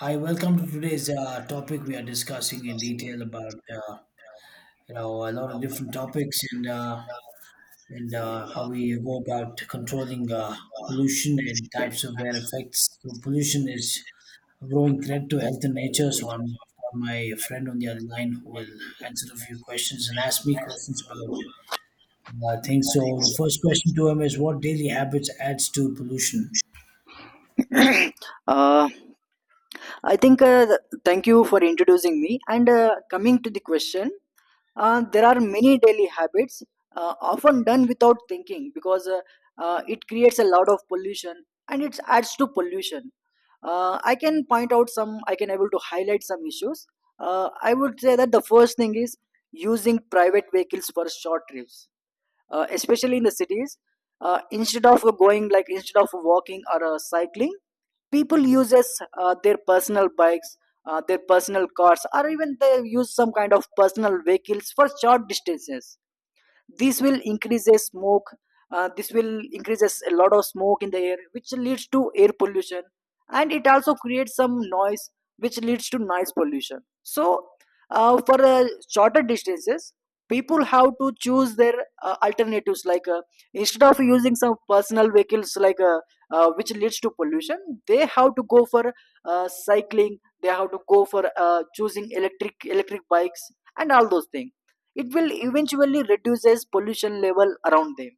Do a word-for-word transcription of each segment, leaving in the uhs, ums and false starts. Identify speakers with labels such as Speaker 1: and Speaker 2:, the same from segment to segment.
Speaker 1: Hi, welcome to
Speaker 2: Like
Speaker 1: today's uh, topic. We are discussing in
Speaker 2: discussing in
Speaker 1: detail
Speaker 2: the,
Speaker 1: about uh,
Speaker 2: uh,
Speaker 1: you know a lot of
Speaker 2: you know,
Speaker 1: different topics and uh,
Speaker 2: uh,
Speaker 1: and uh, how we go about controlling uh,
Speaker 2: uh,
Speaker 1: pollution and types of their
Speaker 2: types
Speaker 1: effects. So pollution
Speaker 2: of
Speaker 1: is a growing threat to health and
Speaker 2: the
Speaker 1: nature. So I'm
Speaker 2: details of
Speaker 1: I've got my friend on the other line who will
Speaker 2: the
Speaker 1: answer a few questions and ask me questions about uh, things. So the first question to him is, what daily habits adds to pollution?
Speaker 2: I think uh, I think uh, th- thank you for introducing me. And uh, coming to the question, uh, there are many daily habits uh, often done without thinking because uh, uh, it creates a lot of pollution and it adds to pollution. Uh, I can point out some I can able to highlight some issues uh, I would say that the first thing is using private vehicles for short trips, uh, especially in the cities, uh, instead of going like instead of walking or uh, cycling. People uses uh, their personal bikes, uh, their personal cars, or even they use some kind of personal vehicles for short distances. this will increase the smoke uh, this will increases a lot of smoke in the air, which leads to air pollution, and it also creates some noise, which leads to noise pollution. So uh, for uh, shorter distances, people have to choose their uh, alternatives, like uh, instead of using some personal vehicles like uh, uh, which leads to pollution. They have to go for uh, cycling. They have to go for uh, choosing electric electric bikes and all those things. It will eventually reduces pollution level around them.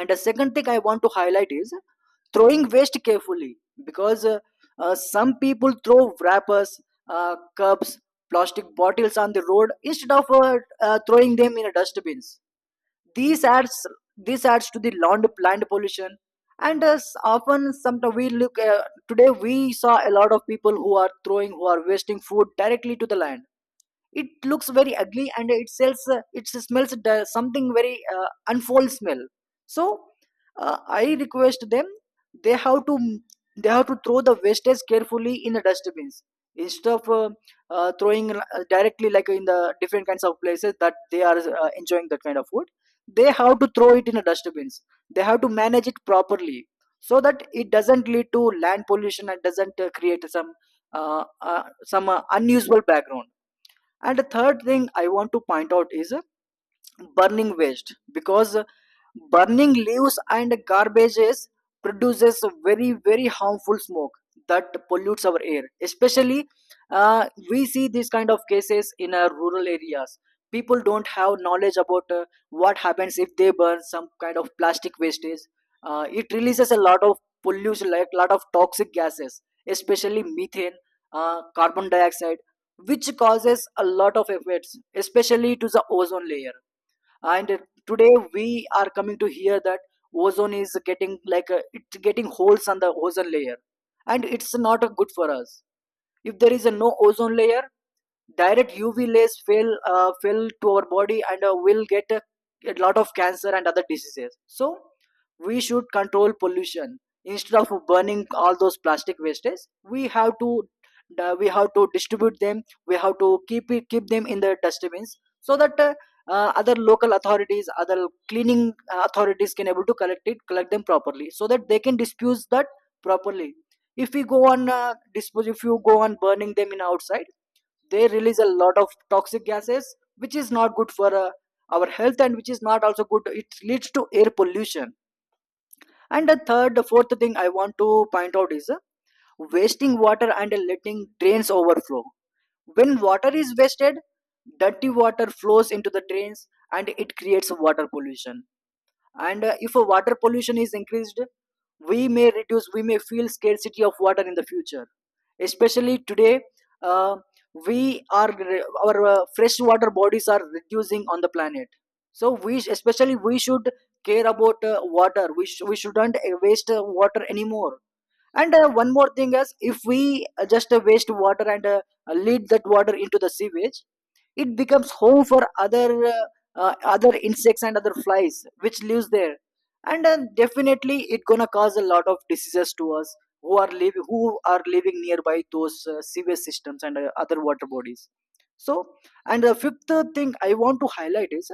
Speaker 2: And the second thing I want to highlight is throwing waste carefully, because uh, uh, some people throw wrappers, uh, cups, plastic bottles on the road instead of uh, uh, throwing them in a dustbins. These adds This adds to the land land pollution. And uh, s- often sometimes we look, uh, today we saw a lot of people who are throwing who are wasting food directly to the land. It looks very ugly and it sells uh, it smells the- something very uh, unfold smell. So uh, I request them, they have to, they have to throw the wastage carefully in the dustbins instead of uh, uh, throwing uh, directly like in the different kinds of places that they are uh, enjoying that kind of food. They have to throw it in the dustbins. They have to manage it properly so that it doesn't lead to land pollution and doesn't uh, create some uh, uh, some uh, unusable background. And the third thing I want to point out is uh, burning waste, because uh, burning leaves and garbages produces very very harmful smoke that pollutes our air. Especially uh, we see these kind of cases in our rural areas. People don't have knowledge about uh, what happens if they burn some kind of plastic wastage. Uh, it releases a lot of pollution, like a lot of toxic gases, especially methane, uh, carbon dioxide, which causes a lot of effects especially to the ozone layer. And uh, today we are coming to hear that ozone is getting like uh, it's getting holes on the ozone layer, and it's not uh, good for us. If there is a no ozone layer, direct U V rays fail uh, fail to our body and uh, will get a, a lot of cancer and other diseases. So we should control pollution instead of burning all those plastic wastes. We have to uh, we have to distribute them. We have to keep it keep them in the dustbins so that. Uh, uh, other local authorities, other cleaning uh, authorities can able to collect it, collect them properly, so that they can dispose that properly. If we go on uh, dispose if you go on burning them in outside, they release a lot of toxic gases, which is not good for uh, our health, and which is not also good, it leads to air pollution. And the third the fourth thing I want to point out is uh, wasting water and letting drains overflow. When water is wasted, dirty water flows into the drains and it creates water pollution. And uh, if uh, water pollution is increased, we may reduce we may feel scarcity of water in the future. Especially today, uh, we are our uh, freshwater bodies are reducing on the planet. So we, especially we should care about uh, water. We, sh- we shouldn't uh, waste uh, water anymore. And uh, one more thing is, if we uh, just uh, waste water and uh, lead that water into the sewage, it becomes home for other uh, uh, other insects and other flies which lives there. And uh, definitely it gonna cause a lot of diseases to us who are living who are living nearby those uh, sewage systems and uh, other water bodies. So, and the fifth thing I want to highlight is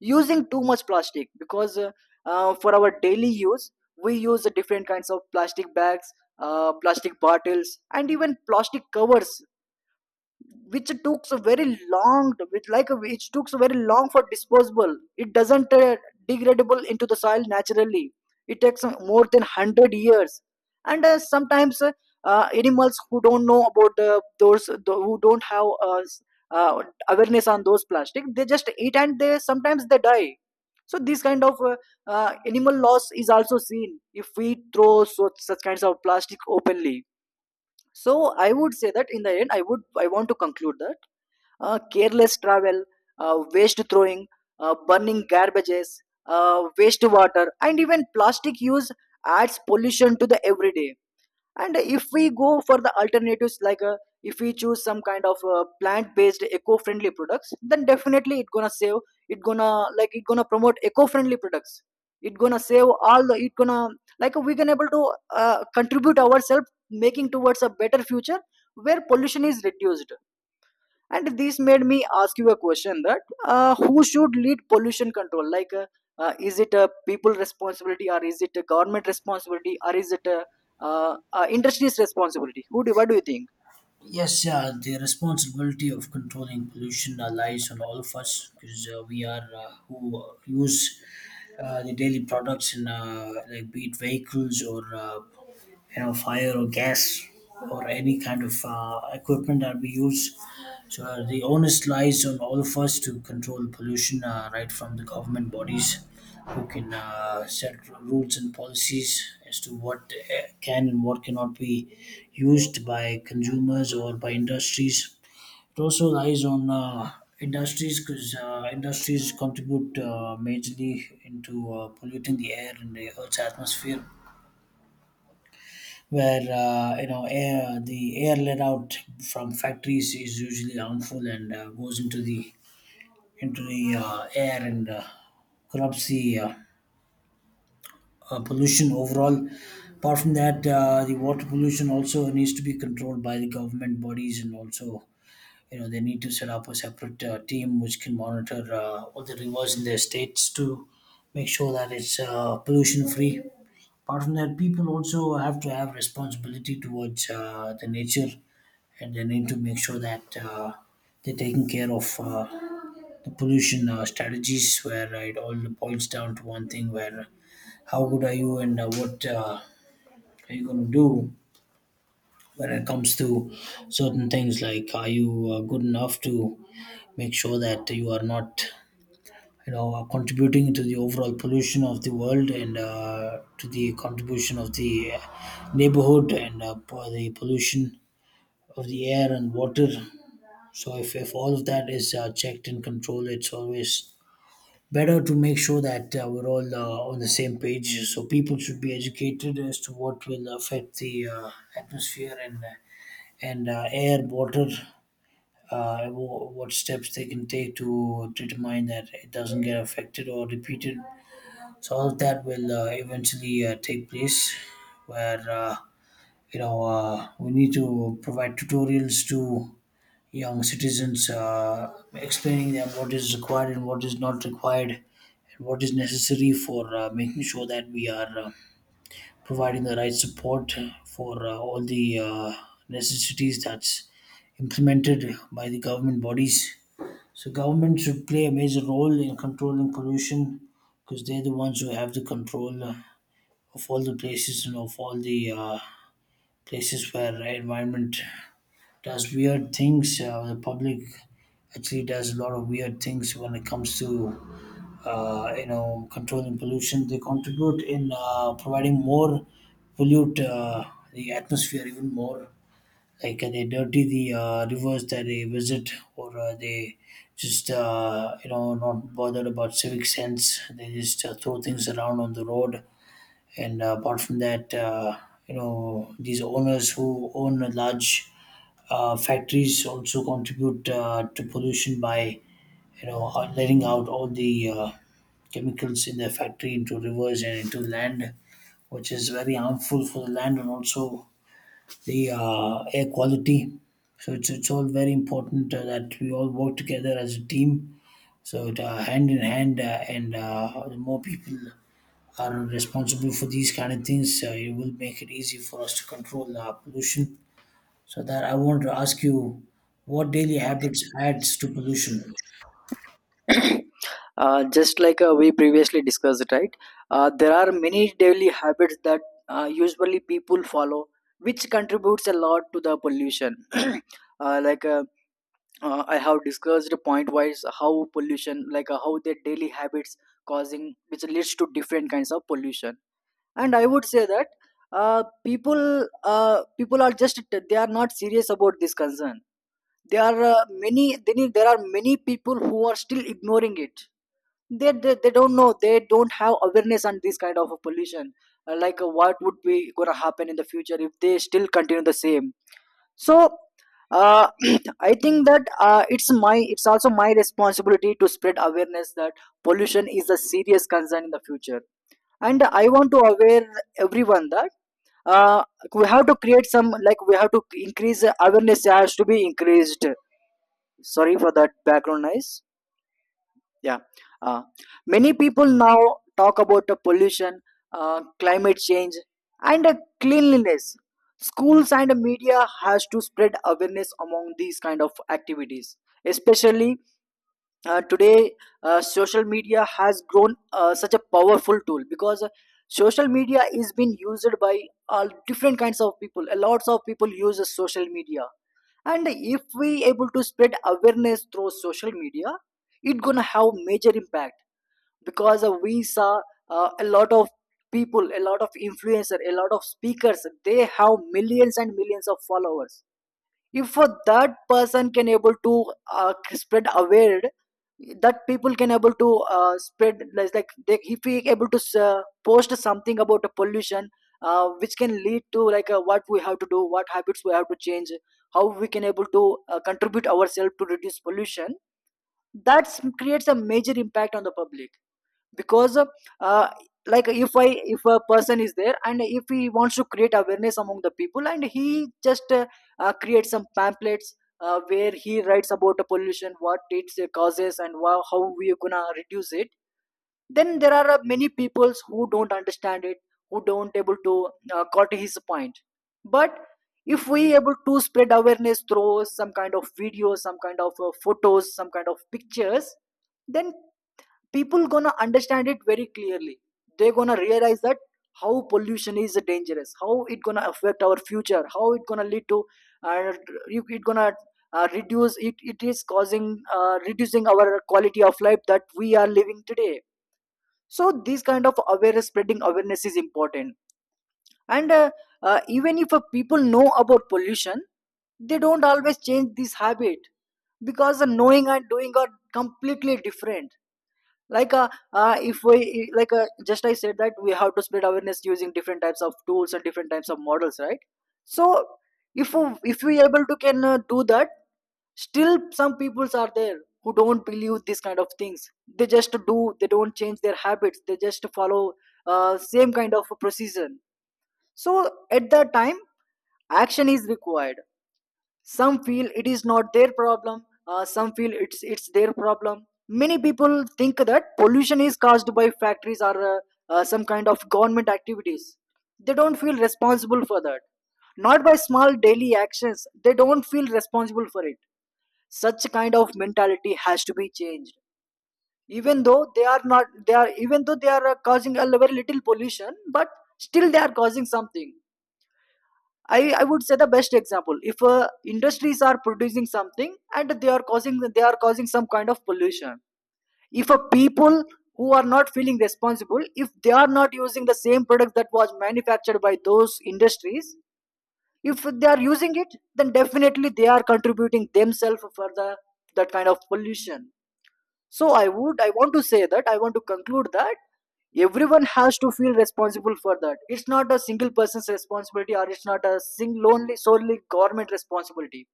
Speaker 2: using too much plastic, because uh, uh, for our daily use, we use different kinds of plastic bags, uh, plastic bottles, and even plastic covers, which took so very long which like uh, which took so very long for disposable. It doesn't uh, degradable into the soil naturally. It takes uh, more than one hundred years. And uh, sometimes uh, uh, animals who don't know about uh, those tho- who don't have uh, s- uh, awareness on those plastic, they just eat and they sometimes they die. So this kind of uh, uh, animal loss is also seen if we throw so, such kinds of plastic openly. So I would say that in the end, i would I want to conclude that uh, careless travel, uh, waste throwing, uh, burning garbages, uh, wastewater, and even plastic use adds pollution to the everyday. And if we go for the alternatives, like uh, if we choose some kind of uh, plant-based eco-friendly products, then definitely it gonna save. It gonna like it gonna promote eco-friendly products. It gonna save all the. It gonna like we can able to uh, contribute ourselves making towards a better future where pollution is reduced. And this made me ask you a question that uh, who should lead pollution control, like uh, uh, is it a people responsibility, or is it a government responsibility, or is it a uh, uh, industry's responsibility? Who do what do you think?
Speaker 1: Yes, uh, the responsibility of controlling pollution uh, lies on all of us because uh, we are uh, who use uh, the daily products in uh, like be it vehicles or uh, you know fire or gas or any kind of uh, equipment that we use. So uh, the onus lies on all of us to control pollution, uh, right from the government bodies who can uh, set rules and policies as to what uh, can and what cannot be used by consumers or by industries. It also lies on uh, industries because uh, industries contribute uh, majorly into uh, polluting the air and the Earth's atmosphere. Where uh, you know air, the air let out from factories is usually harmful and uh, goes into the into the uh, air and uh, corrupts the uh, uh, pollution overall. Apart from that, uh, the water pollution also needs to be controlled by the government bodies and also you know they need to set up a separate uh, team which can monitor uh, all the rivers in their states to make sure that it's uh, pollution free. Apart from that, people also have to have responsibility towards uh, the nature, and they need to make sure that uh, they're taking care of uh, the pollution uh, strategies, where uh, it all boils down to one thing: where how good are you, and uh, what uh, are you going to do when it comes to certain things. Like are you uh, good enough to make sure that you are not you know uh, contributing to the overall pollution of the world, and uh, to the contribution of the uh, neighborhood, and uh, po- the pollution of the air and water? So if, if all of that is uh, checked and controlled, it's always better to make sure that uh, we're all uh, on the same page. So people should be educated as to what will affect the uh, atmosphere, and uh, and uh, air, water, uh, wh- what steps they can take to determine that it doesn't get affected or repeated. So all of that will uh, eventually uh, take place, where uh, you know uh, we need to provide tutorials to young citizens, uh, explaining them what is required and what is not required, and what is necessary for uh, making sure that we are Uh, providing the right support for uh, all the uh, necessities that's implemented by the government bodies. So government should play a major role in controlling pollution because they're the ones who have the control uh, of all the places and of all the uh, places where environment does weird things. Uh, the public actually does a lot of weird things when it comes to uh, you know controlling pollution. They contribute in uh, providing more pollute uh, the atmosphere even more. Like uh, they dirty the uh, rivers that they visit, or uh, they just uh, you know not bothered about civic sense. They just uh, throw things around on the road. And uh, apart from that, uh, you know these owners who own large uh, factories also contribute uh, to pollution by you know uh, letting out all the uh, chemicals in the factory into rivers and into land, which is very harmful for the land and also the uh, air quality. So it's it's all very important uh, that we all work together as a team. So it, uh, hand in hand, uh, and uh, the more people are responsible for these kind of things, uh, it will make it easy for us to control uh, pollution. So that I want to ask you, what daily habits adds to pollution?
Speaker 2: uh, just like uh, We previously discussed, right? Uh, there are many daily habits that uh, usually people follow, which contributes a lot to the pollution. uh, like uh, uh, I have discussed point wise how pollution like uh, how their daily habits causing, which leads to different kinds of pollution. And I would say that uh, people uh, people are just, they are not serious about this concern. There are uh, many they need- there are many people who are still ignoring it. They, they they don't know, they don't have awareness on this kind of a pollution. Uh, like uh, what would be gonna happen in the future if they still continue the same? So uh, I think that uh, it's my it's also my responsibility to spread awareness that pollution is a serious concern in the future. And I want to aware everyone that uh, we have to create some like we have to increase awareness, has to be increased. Sorry for that background noise. Yeah. Uh, Many people now talk about the pollution, uh, climate change, and uh, cleanliness. Schools and media has to spread awareness among these kind of activities, especially uh, today. Uh, social media has grown uh, such a powerful tool, because uh, social media is being used by all different kinds of people, a lots of people use social media. And if we able to spread awareness through social media, it gonna have major impact, because uh, we saw uh, a lot of people, a lot of influencer, a lot of speakers, they have millions and millions of followers. If for that person can able to uh, spread aware that people can able to uh, spread like like they, if we able to uh, post something about the pollution, uh, which can lead to like uh, what we have to do, what habits we have to change, how we can able to uh, contribute ourselves to reduce pollution, that creates a major impact on the public. Because uh, like if I if a person is there and if he wants to create awareness among the people, and he just uh, uh, creates some pamphlets, uh, where he writes about the pollution, what it causes and wha- how we are gonna reduce it, then there are uh, many peoples who don't understand it, who don't able to uh, got his point. But if we able to spread awareness through some kind of videos, some kind of uh, photos, some kind of pictures, then people gonna understand it very clearly. They gonna realize that how pollution is dangerous, how it gonna affect our future, how it gonna lead to uh, you- it gonna uh, reduce it it is causing uh, reducing our quality of life that we are living today. So this kind of awareness, spreading awareness is important. And uh, uh, even if uh, people know about pollution, they don't always change this habit, because the knowing and doing are completely different. Like uh, uh if we like uh, Just I said that we have to spread awareness using different types of tools and different types of models, right? So if we- if we able to can uh, do that, still some peoples are there who don't believe these kind of things. They just do they don't change their habits, they just follow uh, same kind of procedure. So at that time, action is required. Some feel it is not their problem, uh, some feel it's it's their problem. Many people think that pollution is caused by factories, or uh, uh, some kind of government activities. They don't feel responsible for that, not by small daily actions. They don't feel responsible for it. Such kind of mentality has to be changed. Even though they are not they are even though they are uh, causing a very little pollution, but still they are causing something. I, I would say the best example: if uh, industries are producing something and they are causing they are causing some kind of pollution, if a people who are not feeling responsible, if they are not using the same product that was manufactured by those industries, if they are using it, then definitely they are contributing themselves for the that kind of pollution. So i would I want to say that I want to conclude that everyone has to feel responsible for that. It's not a single person's responsibility, or it's not a single only solely government responsibility.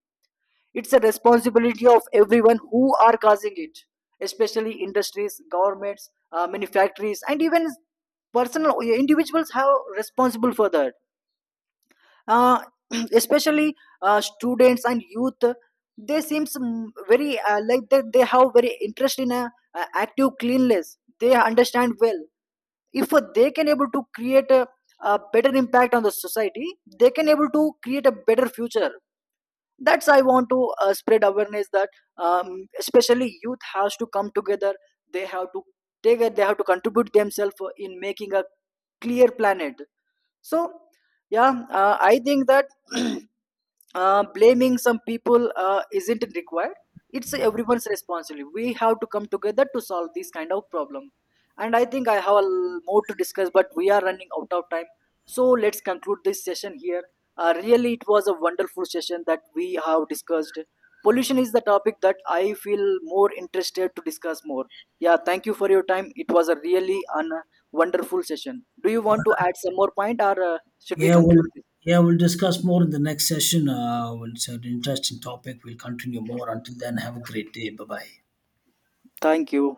Speaker 2: It's a responsibility of everyone who are causing it, especially industries, governments, uh, many factories, and even personal individuals have responsible for that. uh, Especially uh, students and youth, they seems mm, very uh, like that they have very interest in a, uh, active cleanliness, they understand well. If uh, they can able to create a, a better impact on the society, they can able to create a better future. That's I want to uh, spread awareness that um, especially youth has to come together. They have to take it. They have to contribute themselves in making a clear planet. So, yeah, uh, I think that uh, blaming some people uh, isn't required. It's everyone's responsibility. We have to come together to solve this kind of problem. And I think I have a l- more to discuss, but we are running out of time. So let's conclude this session here. Uh, really, it was a wonderful session that we have discussed. Pollution is the topic that I feel more interested to discuss more. Yeah, thank you for your time. It was a really an wonderful session. Do you want to add some more point, or uh, should we
Speaker 1: Yeah,
Speaker 2: conclude?
Speaker 1: we'll yeah we'll discuss more in the next session. Uh, well, it's an interesting topic. We'll continue more. Until then, have a great day. Bye bye.
Speaker 2: Thank you.